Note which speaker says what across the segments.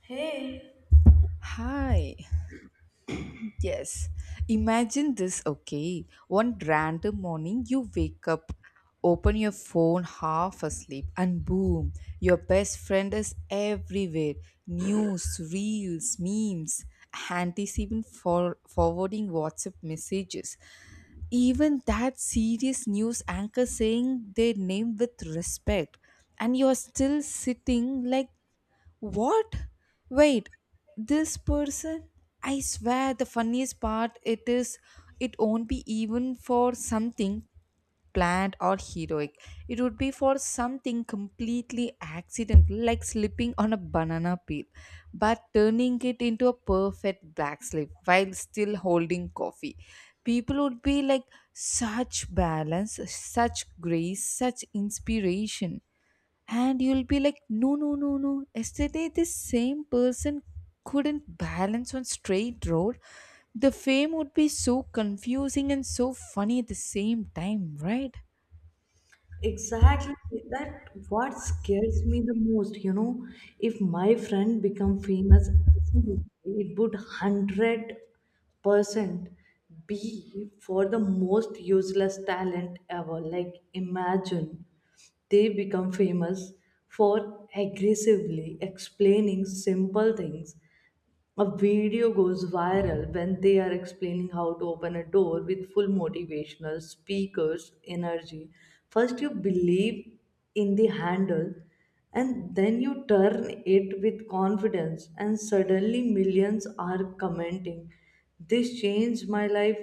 Speaker 1: Hey,
Speaker 2: Hi. Yes. Imagine this, okay? One random morning, you wake up, open your phone half asleep, and boom, your best friend is everywhere. News, reels, memes, aunties even forwarding WhatsApp messages. Even that serious news anchor saying their name with respect. And you're still sitting like what? Wait, this person? I swear the funniest part it is it won't be even for something planned or heroic. It would be for something completely accidental like slipping on a banana peel but turning it into a perfect black slip while still holding coffee. People would be like such balance, such grace, such inspiration and you'll be like no no no no yesterday this same person couldn't balance on straight road the fame would be so confusing and so funny at the same time, right?
Speaker 1: exactly. That what scares me the most, you know. If my friend become famous, it would 100% be for the most useless talent ever. Like imagine they become famous for aggressively explaining simple things. A video goes viral when they are explaining how to open a door with full motivational speakers energy. First, you believe in the handle and then you turn it with confidence, and suddenly millions are commenting. This changed my life.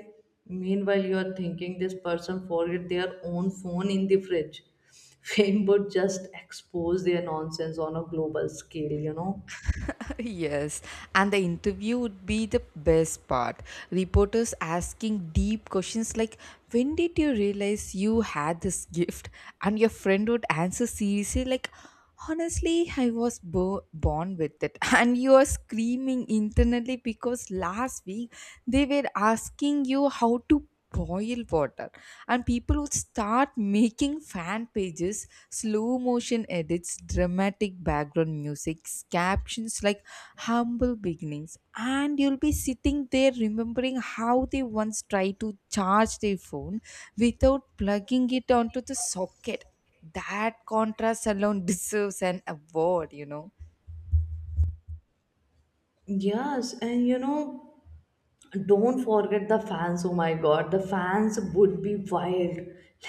Speaker 1: Meanwhile, you are thinking this person forget their own phone in the fridge. Fame would just expose their nonsense on a global scale, you know.
Speaker 2: Yes, and the interview would be the best part. Reporters asking deep questions like, when did you realize you had this gift? And your friend would answer seriously, like, honestly, I was born with it. And you are screaming internally because last week they were asking you how to boil water and people would start making fan pages, slow motion edits, dramatic background music, captions like humble beginnings, and you'll be sitting there remembering how they once tried to charge their phone without plugging it onto the socket. That contrast alone deserves an award, you know.
Speaker 1: Yes, and you know, don't forget the fans, oh my god, the fans would be wild.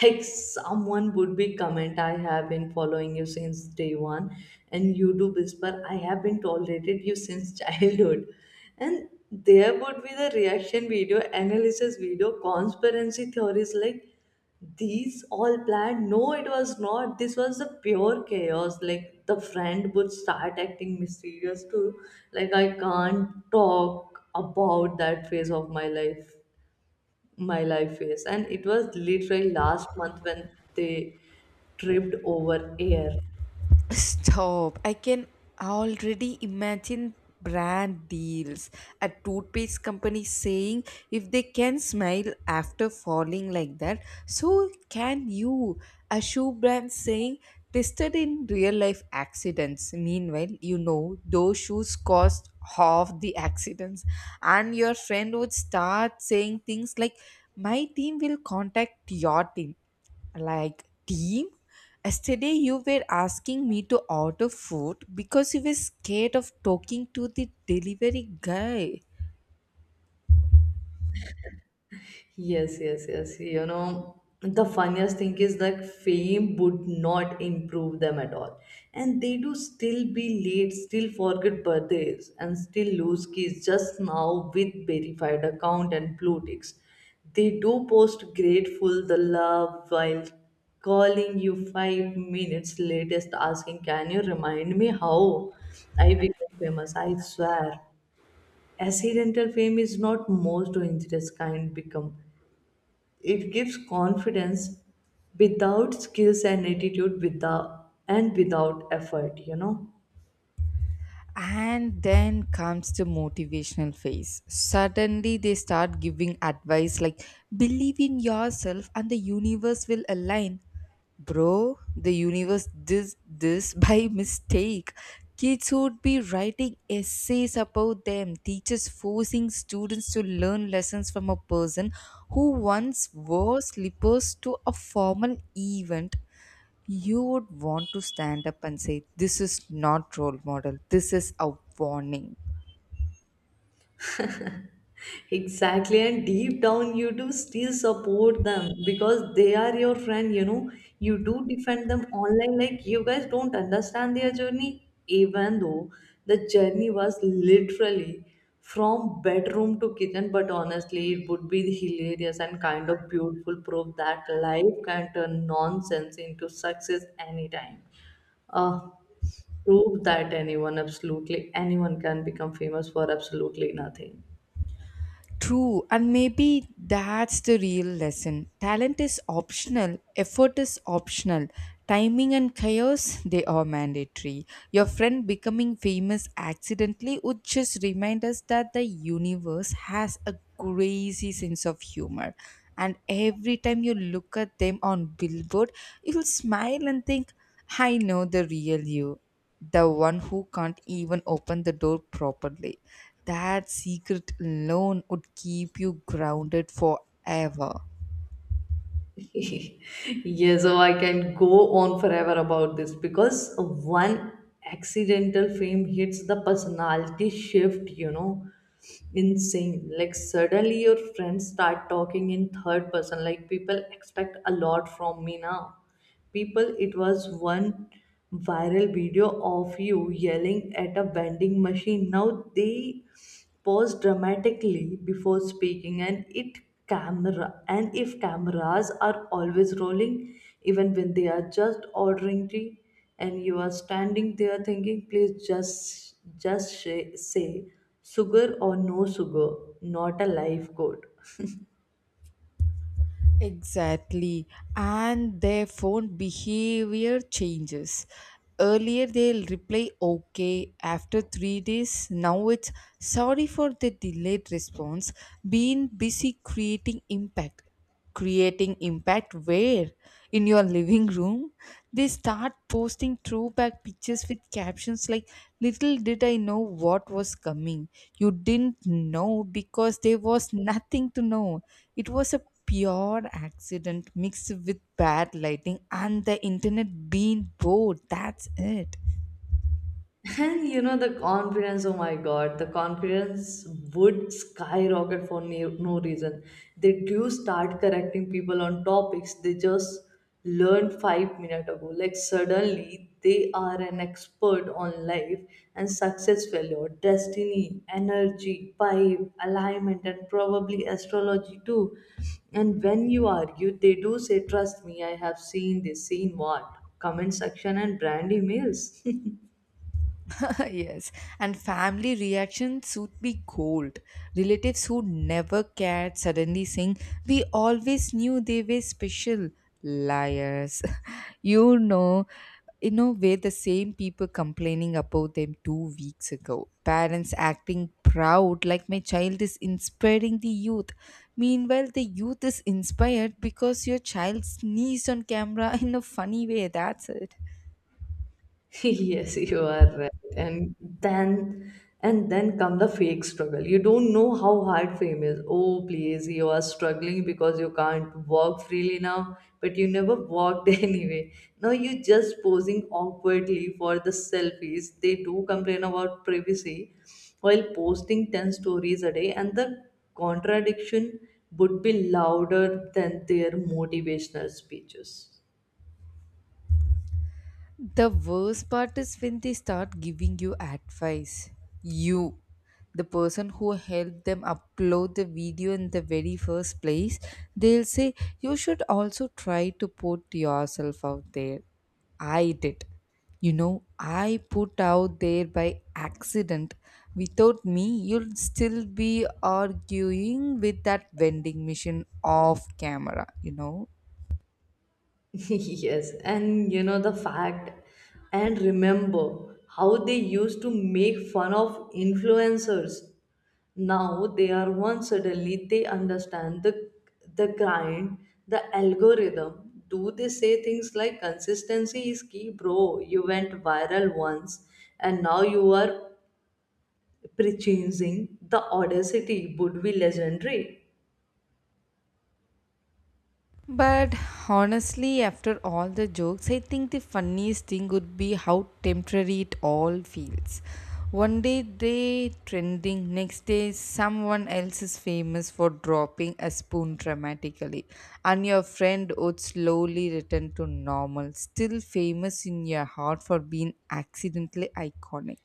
Speaker 1: Like someone would be comment, I have been following you since day one, and you do whisper, I have been tolerated you since childhood. And there would be the reaction video, analysis video, conspiracy theories like these all planned. No, it was not, this was the pure chaos. Like the friend would start acting mysterious too, like I can't talk about that phase of my life, my life phase, and it was literally last month when they tripped over air.
Speaker 2: Stop. I can already imagine brand deals. A toothpaste company saying if they can smile after falling like that, so can you. A shoe brand saying tested in real life accidents. Meanwhile, those shoes cost half the accidents. And your friend would start saying things like, my team will contact your team. Like, team, yesterday you were asking me to order food because you were scared of talking to the delivery guy.
Speaker 1: Yes, yes, yes. You know, the funniest thing is that fame would not improve them at all. And they do still be late, still forget birthdays, and still lose keys, just now with verified account and blue ticks. They do post grateful the love while calling you 5 minutes latest asking, can you remind me how I became famous? I swear accidental fame is not most dangerous kind become it gives confidence without skills and attitude without and without effort, you know.
Speaker 2: And then comes the motivational phase. Suddenly, they start giving advice like believe in yourself and the universe will align. Bro, the universe did this by mistake. Kids would be writing essays about them, teachers forcing students to learn lessons from a person who once wore slippers to a formal event. You would want to stand up and say, this is not role model, this is a warning.
Speaker 1: Exactly, and deep down, you do still support them because they are your friend, you know. You do defend them online, like you guys don't understand their journey, even though the journey was literally from bedroom to kitchen. But honestly, it would be hilarious and kind of beautiful proof that life can turn nonsense into success anytime. Uh, Prove that anyone, absolutely anyone, can become famous for absolutely nothing.
Speaker 2: True, and maybe that's the real lesson. Talent is optional, effort is optional, timing and chaos they are mandatory. Your friend becoming famous accidentally would just remind us that the universe has a crazy sense of humor. And every time you look at them on billboard, you'll smile and think, I know the real you. The one who can't even open the door properly. That secret alone would keep you grounded forever.
Speaker 1: Yeah, so I can go on forever about this because one accidental frame hits the personality shift, you know, insane. Like, suddenly your friends start talking in third person. Like, people expect a lot from me now. People, it was one viral video of you yelling at a vending machine. Now they pause dramatically before speaking and it camera, and if cameras are always rolling even when they are just ordering tea, and you are standing there thinking, please just say, say sugar or no sugar, not a life goal.
Speaker 2: Exactly. And their phone behavior changes. Earlier, they'll reply okay after 3 days. Now it's sorry for the delayed response. Being busy creating impact. Creating impact where? In your living room? They start posting throwback pictures with captions like, little did I know what was coming. You didn't know because there was nothing to know. It was a pure accident mixed with bad lighting and the internet being bored. That's it.
Speaker 1: And you know, the confidence, oh my god, the confidence would skyrocket for no, no reason. They do start correcting people on topics they just learned 5 minutes ago. Like, suddenly they are an expert on life and success, failure, destiny, energy, vibe, alignment, and probably astrology too. And when you argue, they do say, trust me, I have seen this. Seen what? Comment section and brand emails.
Speaker 2: Yes, and family reactions would be gold. Relatives who never cared suddenly saying, we always knew they were special. Liars. you know, were the same people complaining about them 2 weeks ago. Parents acting proud like my child is inspiring the youth. Meanwhile, the youth is inspired because your child sneezed on camera in a funny way. That's it.
Speaker 1: Yes, you are right. And then and then come the fake struggle. You don't know how hard fame is. Oh please, you are struggling because you can't walk freely now, but you never walked anyway. Now you just posing awkwardly for the selfies. They do complain about privacy while posting 10 stories a day, and the contradiction would be louder than their motivational speeches.
Speaker 2: The worst part is when they start giving you advice. You, the person who helped them upload the video in the very first place, they'll say, you should also try to put yourself out there. I did. You know, I put out there by accident. Without me, you'll still be arguing with that vending machine off camera, you know.
Speaker 1: Yes, and you know the fact, and remember how they used to make fun of influencers. Now they are one, suddenly they understand the grind, the algorithm. Do they say things like, consistency is key, bro? You went viral once, and now you are preaching, the audacity would be legendary.
Speaker 2: But honestly, after all the jokes, I think the funniest thing would be how temporary it all feels. One day they trending, next day someone else is famous for dropping a spoon dramatically, and your friend would slowly return to normal, still famous in your heart for being accidentally iconic.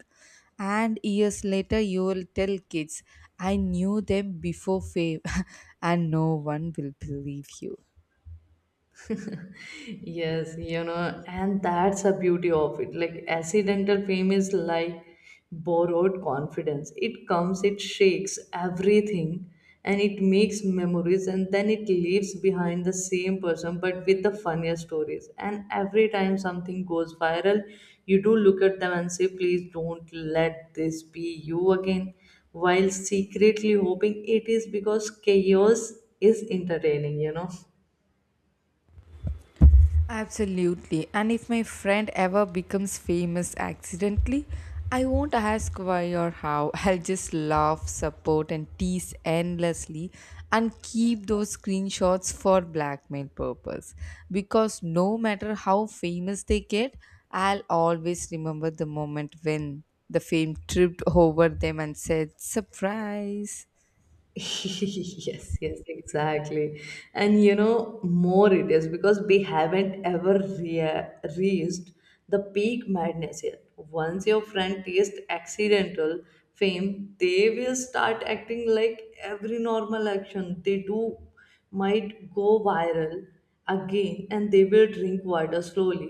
Speaker 2: And years later, you will tell kids, I knew them before fame, and no one will believe you.
Speaker 1: Yes, you know, and that's the beauty of it. Like accidental fame is like borrowed confidence, it comes, it shakes everything, and it makes memories, and then it leaves behind the same person but with the funnier stories. And every time something goes viral, you do look at them and say, please don't let this be you again, while secretly hoping it is, because chaos is entertaining, you know.
Speaker 2: Absolutely. And if my friend ever becomes famous accidentally, I won't ask why or how. I'll just laugh, support, and tease endlessly and keep those screenshots for blackmail purpose. Because no matter how famous they get, I'll always remember the moment when the fame tripped over them and said, surprise!
Speaker 1: Yes, yes, exactly. And you know, more it is because we haven't ever reached the peak madness yet. Once your friend tastes accidental fame, they will start acting like every normal action they do might go viral again, and they will drink water slowly,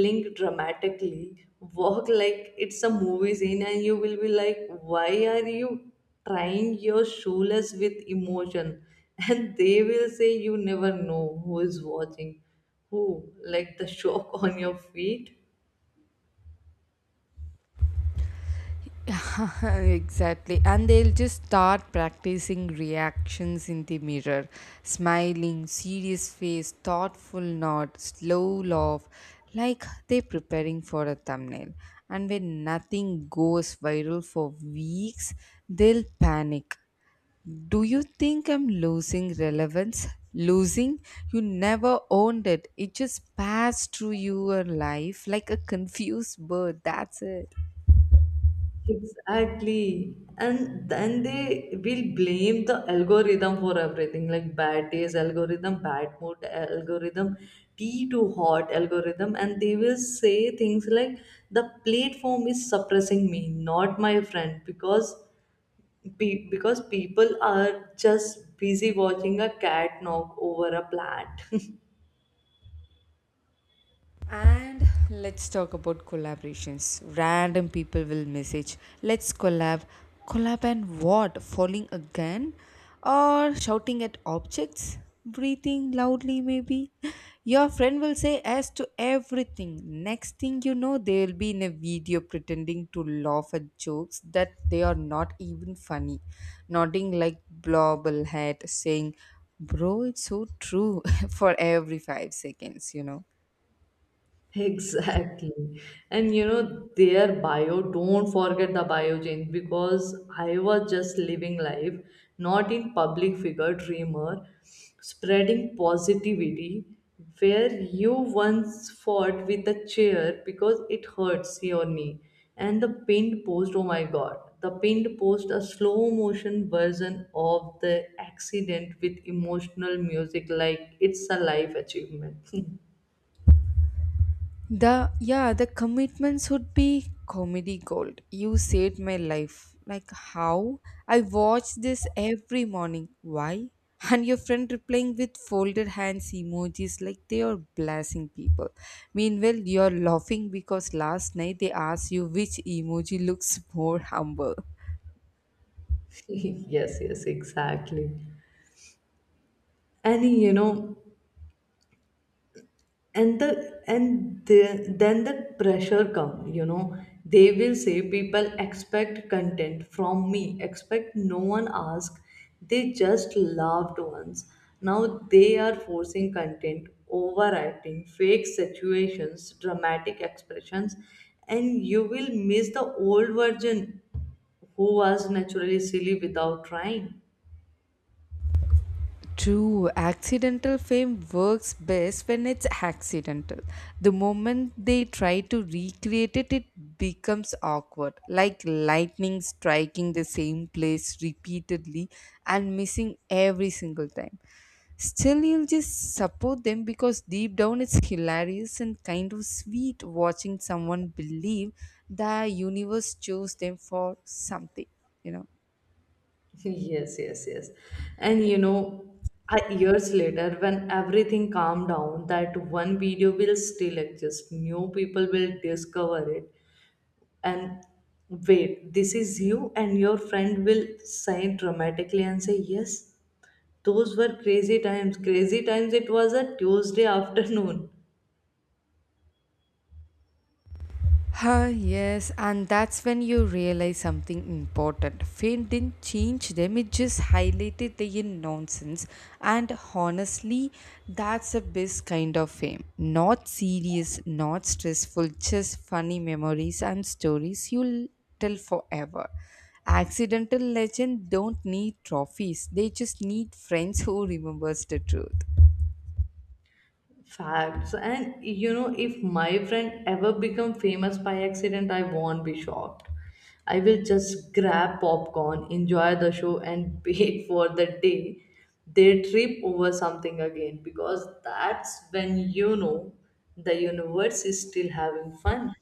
Speaker 1: blink dramatically, walk like it's a movie scene, and you will be like, why are you trying your shoeless with emotion? And they will say, you never know who is watching who, like the shock on your feet.
Speaker 2: Exactly, and they'll just start practicing reactions in the mirror, smiling serious face, thoughtful nod, slow laugh, like they're preparing for a thumbnail. And when nothing goes viral for weeks, they'll panic. Do you think I'm losing relevance? Losing? You never owned it, it just passed through your life like a confused bird. That's it.
Speaker 1: Exactly. And then they will blame the algorithm for everything, like bad days algorithm, bad mood algorithm, tea too hot algorithm. And they will say things like the platform is suppressing me, not my friend, because because people are just busy watching a cat knock over a plant.
Speaker 2: And let's talk about collaborations. Random people will message, let's collab. Collab and what? Falling again? Or shouting at objects? Breathing loudly, maybe? Your friend will say yes to everything. Next thing you know, they'll be in a video pretending to laugh at jokes that they are not even funny, nodding like blobblehead, saying, bro, it's so true for every 5 seconds, you know.
Speaker 1: Exactly. And you know, their bio, don't forget the bio change, because I was just living life, not in public figure dreamer, spreading positivity, where you once fought with a chair because it hurts your knee. And the pinned post, oh my god, the pinned post, a slow motion version of the accident with emotional music, like it's a life achievement.
Speaker 2: The yeah, the commitments would be comedy gold. You saved my life. Like how? I watch this every morning. Why? And your friend replying with folded hands emojis like they are blasting people. Meanwhile, you're laughing because last night they asked you which emoji looks more humble.
Speaker 1: Yes, yes, exactly, and you know, then the pressure come, you know, they will say people expect content from me. Expect, no one ask, they just loved ones. Now they are forcing content, overacting fake situations, dramatic expressions, and you will miss the old version who was naturally silly without trying.
Speaker 2: True, accidental fame works best when it's accidental. The moment they try to recreate it, it becomes awkward, like lightning striking the same place repeatedly and missing every single time. Still, you'll just support them because deep down it's hilarious and kind of sweet watching someone believe the universe chose them for something, you know.
Speaker 1: Yes, yes, yes. And you know, years later, when everything calmed down, that one video will still exist. New people will discover it. And wait, this is you, and your friend will sigh dramatically and say, yes, those were crazy times. Crazy times, it was a Tuesday afternoon.
Speaker 2: Huh, yes, and that's when you realize something important. Fame didn't change them, it just highlighted the nonsense. And honestly, that's the best kind of fame. Not serious, not stressful, just funny memories and stories you'll tell forever. Accidental legend don't need trophies, they just need friends who remembers the truth.
Speaker 1: Facts. And you know, if my friend ever become famous by accident, I won't be shocked. I will just grab popcorn, enjoy the show, and wait for the day they trip over something again, because that's when you know the universe is still having fun.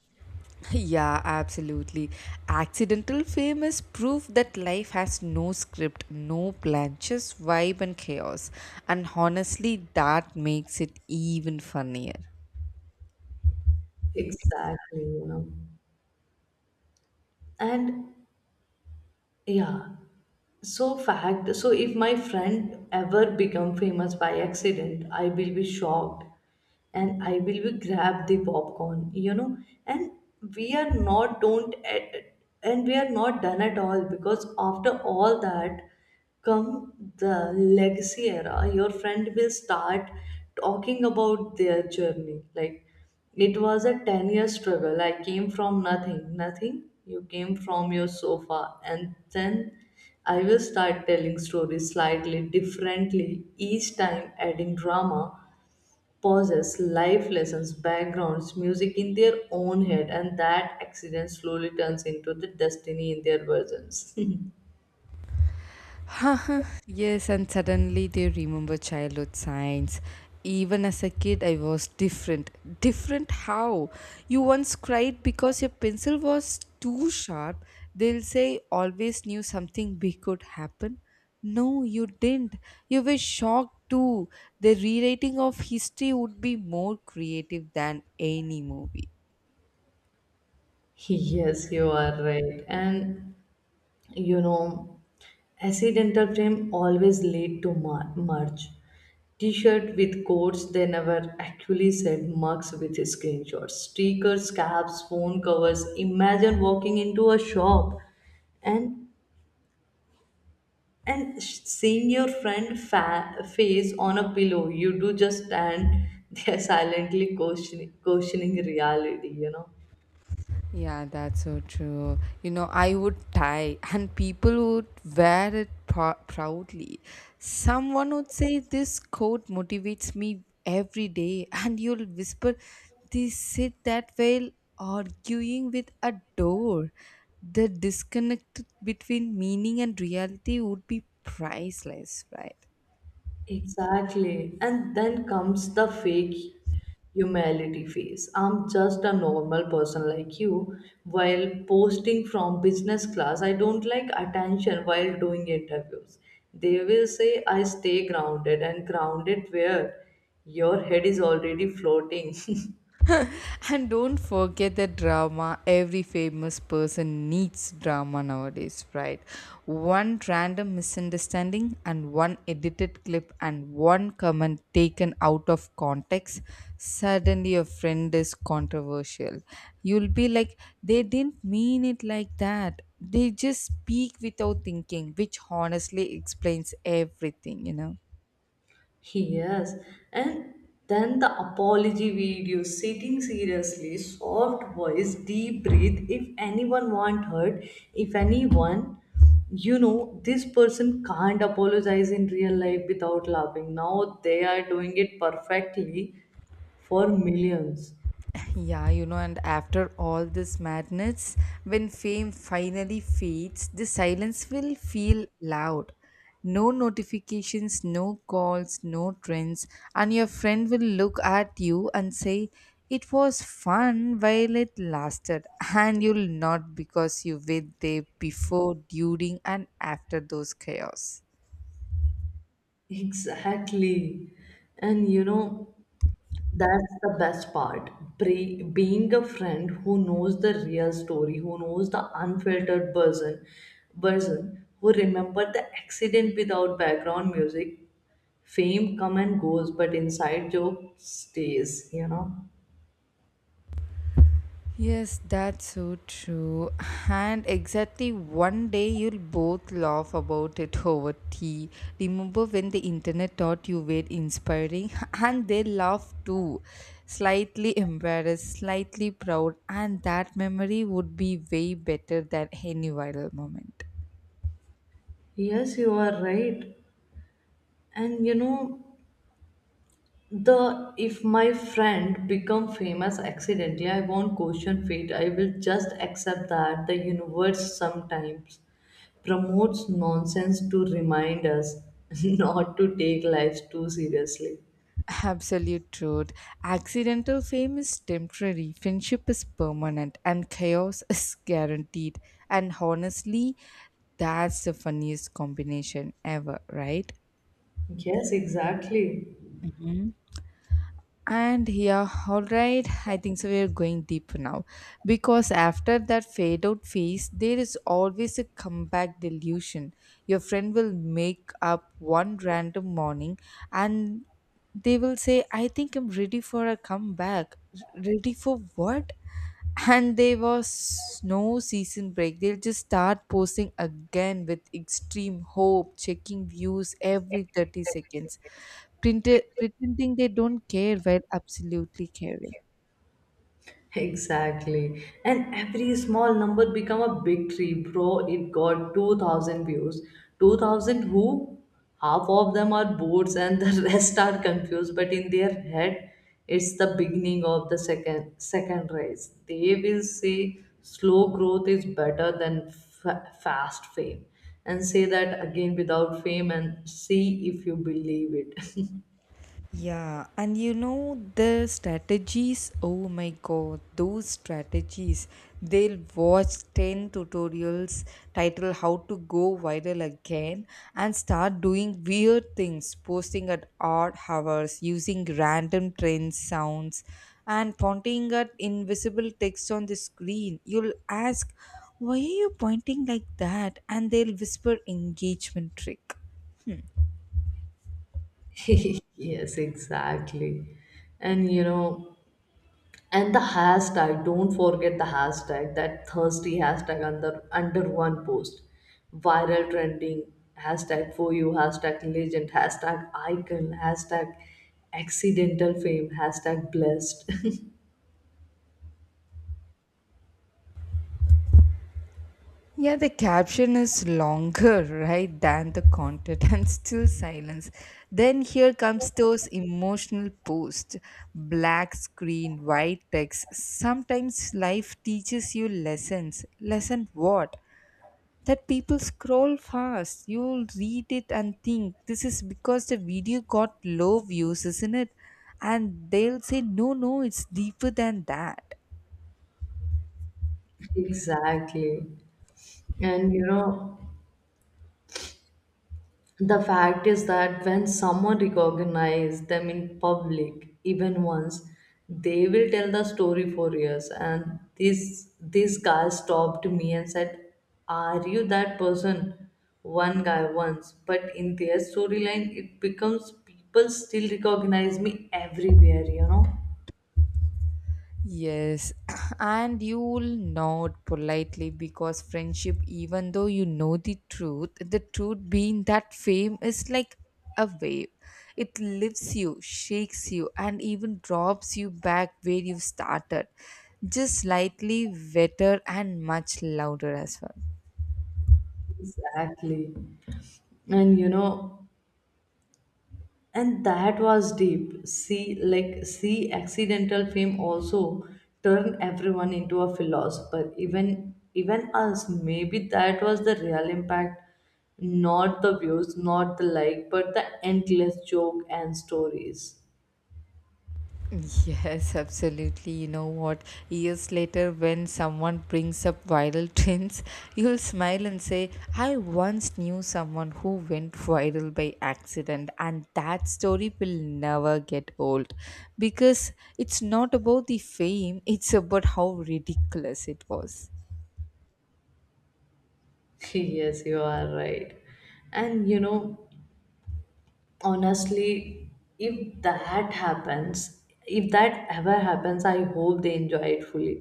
Speaker 2: Yeah, absolutely. Accidental fame is proof that life has no script, no plan, just vibe and chaos. And honestly, that makes it even funnier.
Speaker 1: Exactly, you know. And yeah. So fact, so if my friend ever become famous by accident, I will be shocked and I will be grab the popcorn, you know. And we are not don't at- and we are not done at all, because after all that come the legacy era, your friend will start talking about their journey. Like it was a 10-year struggle. I came from nothing, nothing. You came from your sofa, and then I will start telling stories slightly differently, each time adding drama, pauses, life lessons, backgrounds, music in their own head, and that accident slowly turns into the destiny in their versions.
Speaker 2: Yes, and suddenly they remember childhood signs. Even as a kid, I was different. Different how? You once cried because your pencil was too sharp. They'll say, always knew something big could happen. No, you didn't. You were shocked too. The rewriting of history would be more creative than any movie.
Speaker 1: Yes, you are right. And you know, accidental frame always lead to merch, t-shirt with codes they never actually said, mugs with screenshots, stickers, caps, phone covers. Imagine walking into a shop and and seeing your friend face on a pillow, you do just stand there silently questioning, reality, you know.
Speaker 2: Yeah, that's so true. You know, I would tie, and people would wear it proudly. Someone would say, this coat motivates me every day, and you'll whisper, they sit that while arguing with a door. The disconnect between meaning and reality would be priceless, right?
Speaker 1: Exactly. And then comes the fake humility phase. I'm just a normal person like you, while posting from business class. I don't like attention, while doing interviews. They will say I stay grounded, and grounded where, your head is already floating.
Speaker 2: And don't forget the drama. Every famous person needs drama nowadays, right? One random misunderstanding and one edited clip and one comment taken out of context, suddenly a friend is controversial. You'll be like, they didn't mean it like that. They just speak without thinking, which honestly explains everything, you know?
Speaker 1: Yes, and then the apology video, sitting seriously, soft voice, deep breath. If anyone want hurt, if anyone, you know, this person can't apologize in real life without laughing. Now they are doing it perfectly for millions.
Speaker 2: Yeah, you know, and after all this madness, when fame finally fades, the silence will feel loud. No notifications, no calls, no trends, and your friend will look at you and say, it was fun while it lasted, and you'll not because you were there before, during, and after those chaos.
Speaker 1: Exactly. And you know, that's the best part. Being a friend who knows the real story, who knows the unfiltered version, who remember the accident without background music. Fame come and goes, but inside joke stays, you know.
Speaker 2: Yes, that's so true. And exactly one day you'll both laugh about it over tea. Remember when the internet thought you were inspiring? And they laughed too. Slightly embarrassed, slightly proud, and that memory would be way better than any viral moment.
Speaker 1: Yes, you are right. And you know, The if my friend become famous accidentally, I won't question fate. I will just accept that the universe sometimes promotes nonsense to remind us not to take life too seriously.
Speaker 2: Absolute truth. Accidental fame is temporary, friendship is permanent, and chaos is guaranteed. And honestly, that's the funniest combination ever, right?
Speaker 1: Yes, exactly.
Speaker 2: Mhm. And yeah, all right. I think so. We're going deep now because after that fade out phase, there is always a comeback delusion. Your friend will make up one random morning and they will say, I think I'm ready for a comeback. Ready for what? And there was no season break. They'll just start posting again with extreme hope, checking views every 30 seconds, printed, pretending they don't care while absolutely caring.
Speaker 1: Exactly. And every small number become a big tree, bro. It got 2000 views. 2000 who? Half of them are boats and the rest are confused, but in their head, it's the beginning of the second race. They will say slow growth is better than fast fame, and say that again without fame and see if you believe it.
Speaker 2: Yeah, and you know the strategies. Oh my god, those strategies. They'll watch 10 tutorials titled how to go viral again and start doing weird things, posting at odd hours, using random trend sounds, and pointing at invisible text on the screen. You'll ask, why are you pointing like that? And they'll whisper engagement trick.
Speaker 1: Yes, exactly. And you know, and the hashtag, don't forget the hashtag, that thirsty hashtag under one post. Viral trending, hashtag for you, hashtag legend, hashtag icon, hashtag accidental fame, hashtag blessed.
Speaker 2: Yeah, the caption is longer, right, than the content and still silence. Then here comes those emotional posts, black screen, white text. Sometimes life teaches you lessons. Lesson what? That people scroll fast. You'll read it and think this is because the video got low views, isn't it? And they'll say, no, no, it's deeper than that.
Speaker 1: Exactly. And you know, the fact is that when someone recognizes them in public, even once, they will tell the story for years. And this guy stopped me and said, "Are you that person?" One guy once, but in their storyline, it becomes people still recognize me everywhere. You know.
Speaker 2: Yes, and you'll nod politely because friendship, even though you know the truth being that fame is like a wave. It lifts you, shakes you, and even drops you back where you started, just slightly wetter and much louder as well.
Speaker 1: Exactly. And you know, and that was deep, see, like see, accidental fame also turned everyone into a philosopher, even us, maybe that was the real impact, not the views, not the like, but the endless joke and stories.
Speaker 2: Yes, absolutely. You know what? Years later, when someone brings up viral trends, you'll smile and say, I once knew someone who went viral by accident, and that story will never get old because it's not about the fame, it's about how ridiculous it was.
Speaker 1: Yes, you are right. And you know, honestly, if that happens, if that ever happens, I hope they enjoy it fully,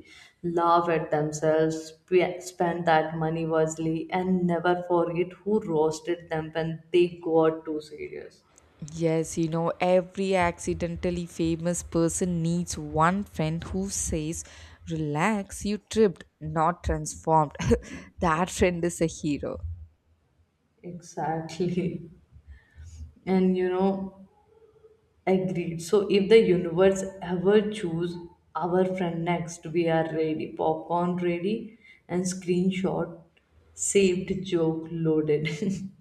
Speaker 1: laugh at themselves, spend that money wisely, and never forget who roasted them when they got too serious.
Speaker 2: Yes, you know, every accidentally famous person needs one friend who says, relax, you tripped, not transformed. That friend is a hero.
Speaker 1: Exactly. And you know, agreed. So if the universe ever choose our friend next, we are ready, popcorn ready, and screenshot saved, joke loaded.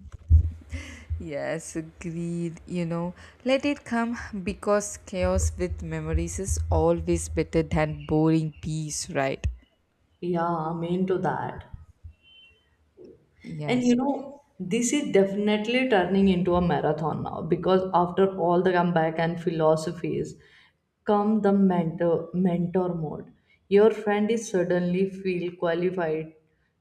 Speaker 2: Yes, agreed. You know, let it come because chaos with memories is always better than boring peace, right?
Speaker 1: Yeah, I'm into that. And
Speaker 2: Yes.
Speaker 1: you know, this is definitely turning into a marathon now, because after all the comeback and philosophies come the mentor mode. Your friend is suddenly feel qualified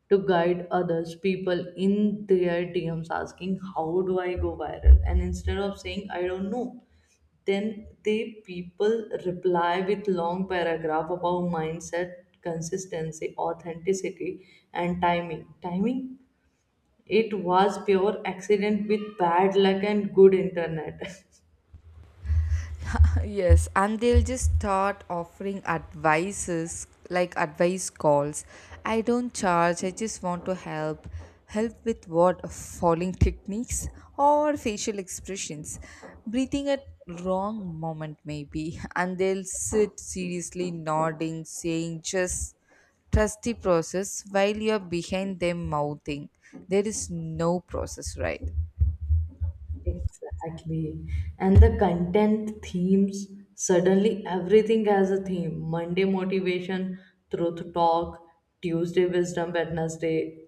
Speaker 1: to guide others, people in their DMs asking, how do I go viral? And instead of saying, I don't know, then they people reply with long paragraph about mindset, consistency, authenticity, and timing. It was pure accident with bad luck and good internet.
Speaker 2: Yes, and they'll just start offering advices like advice calls. I don't charge, I just want to help. Help with what? Falling techniques or facial expressions. Breathing at wrong moment maybe. And they'll sit seriously nodding, saying just trust the process while you're behind them mouthing. There is no process, right?
Speaker 1: Exactly. And the content themes, suddenly everything has a theme. Monday motivation, truth talk, Tuesday wisdom, Wednesday,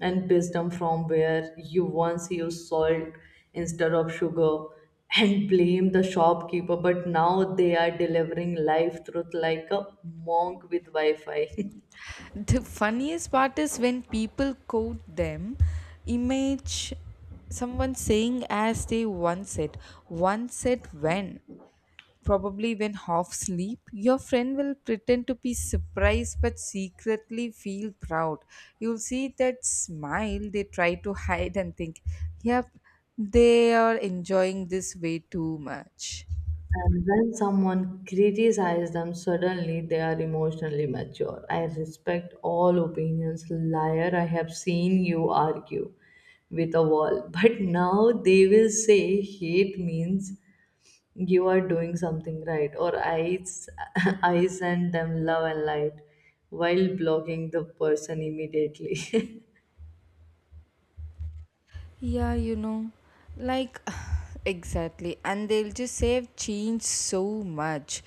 Speaker 1: and wisdom from where you once used salt instead of sugar, and blame the shopkeeper, but now they are delivering life truth like a monk with Wi Fi.
Speaker 2: The funniest part is when people quote them, image someone saying as they once said. Once said when? Probably when half asleep. Your friend will pretend to be surprised but secretly feel proud. You'll see that smile they try to hide and think, yep, they are enjoying this way too much.
Speaker 1: And when someone criticizes them, suddenly they are emotionally mature. I respect all opinions. Liar, I have seen you argue with a wall. But now they will say hate means you are doing something right, or I, s- I send them love and light while blocking the person immediately.
Speaker 2: Yeah, you know, like exactly. And they'll just say, "I've changed so much."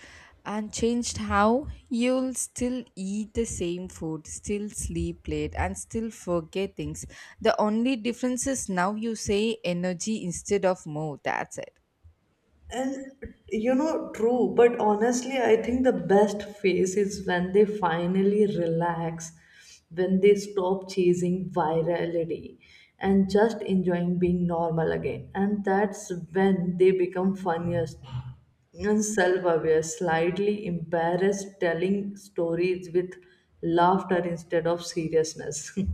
Speaker 2: And changed how? You'll still eat the same food, still sleep late, and still forget things. The only difference is now you say energy instead of more. That's it.
Speaker 1: And you know, true, but honestly, I think the best phase is when they finally relax, when they stop chasing virality and just enjoying being normal again. And that's when they become funniest and self aware, slightly embarrassed, telling stories with laughter instead of seriousness.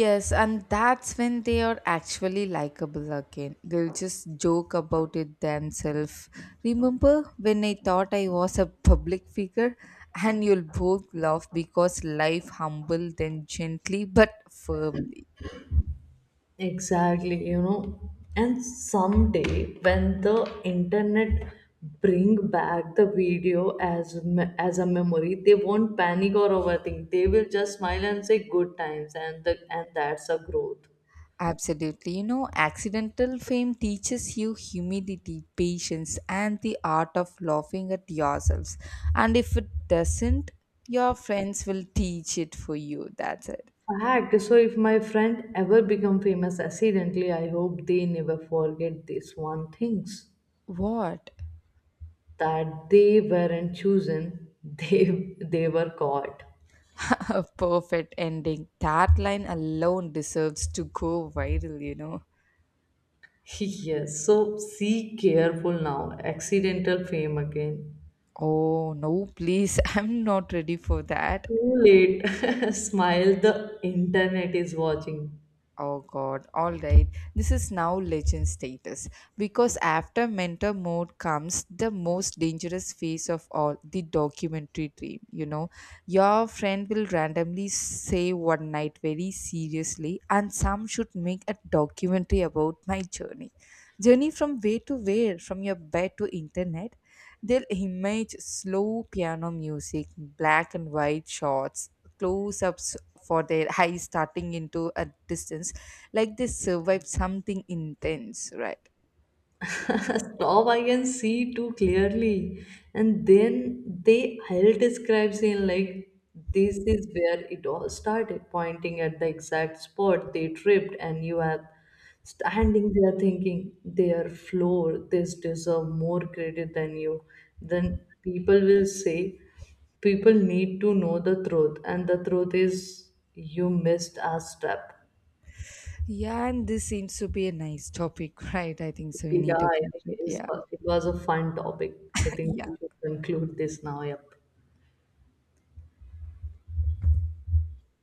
Speaker 2: Yes, and that's when they are actually likable again. They'll just joke about it themselves. Remember when I thought I was a public figure? And you'll both laugh because life humbled them gently but firmly.
Speaker 1: Exactly, you know. And someday when the internet bring back the video as a memory, they won't panic or overthink. They will just smile and say good times, and that's a growth.
Speaker 2: Absolutely. You know, accidental fame teaches you humility, patience, and the art of laughing at yourselves. And if it doesn't, your friends will teach it for you. That's it.
Speaker 1: Fact. So if my friend ever become famous accidentally, I hope they never forget this one things,
Speaker 2: What?
Speaker 1: that they weren't chosen, they were caught.
Speaker 2: A perfect ending. That line alone deserves to go viral, you know.
Speaker 1: Yes, so see, careful now. Accidental fame again.
Speaker 2: Oh, no, please. I'm not ready for that.
Speaker 1: Too late. Smile, the internet is watching.
Speaker 2: Oh, God. All right. This is now legend status. Because after mentor mode comes the most dangerous phase of all the documentary dream, you know. Your friend will randomly say one night very seriously, and some should make a documentary about my journey. Journey from where to where, from your bed to internet, they'll image slow piano music, black and white shots, close ups for their eyes starting into a distance, like they survived something intense, right?
Speaker 1: Stop, I can see too clearly. And then they held describe saying like, this is where it all started, pointing at the exact spot they tripped, and you are standing there thinking their floor, this deserve more credit than you. Then people will say people need to know the truth, and the truth is you missed a step.
Speaker 2: Yeah, and this seems to be a nice topic, right? I think so. We
Speaker 1: Yeah,
Speaker 2: need to
Speaker 1: I think
Speaker 2: conclude.
Speaker 1: it is,
Speaker 2: Yeah,
Speaker 1: it was a fun topic. I think we
Speaker 2: yeah.
Speaker 1: should conclude this now. Yep.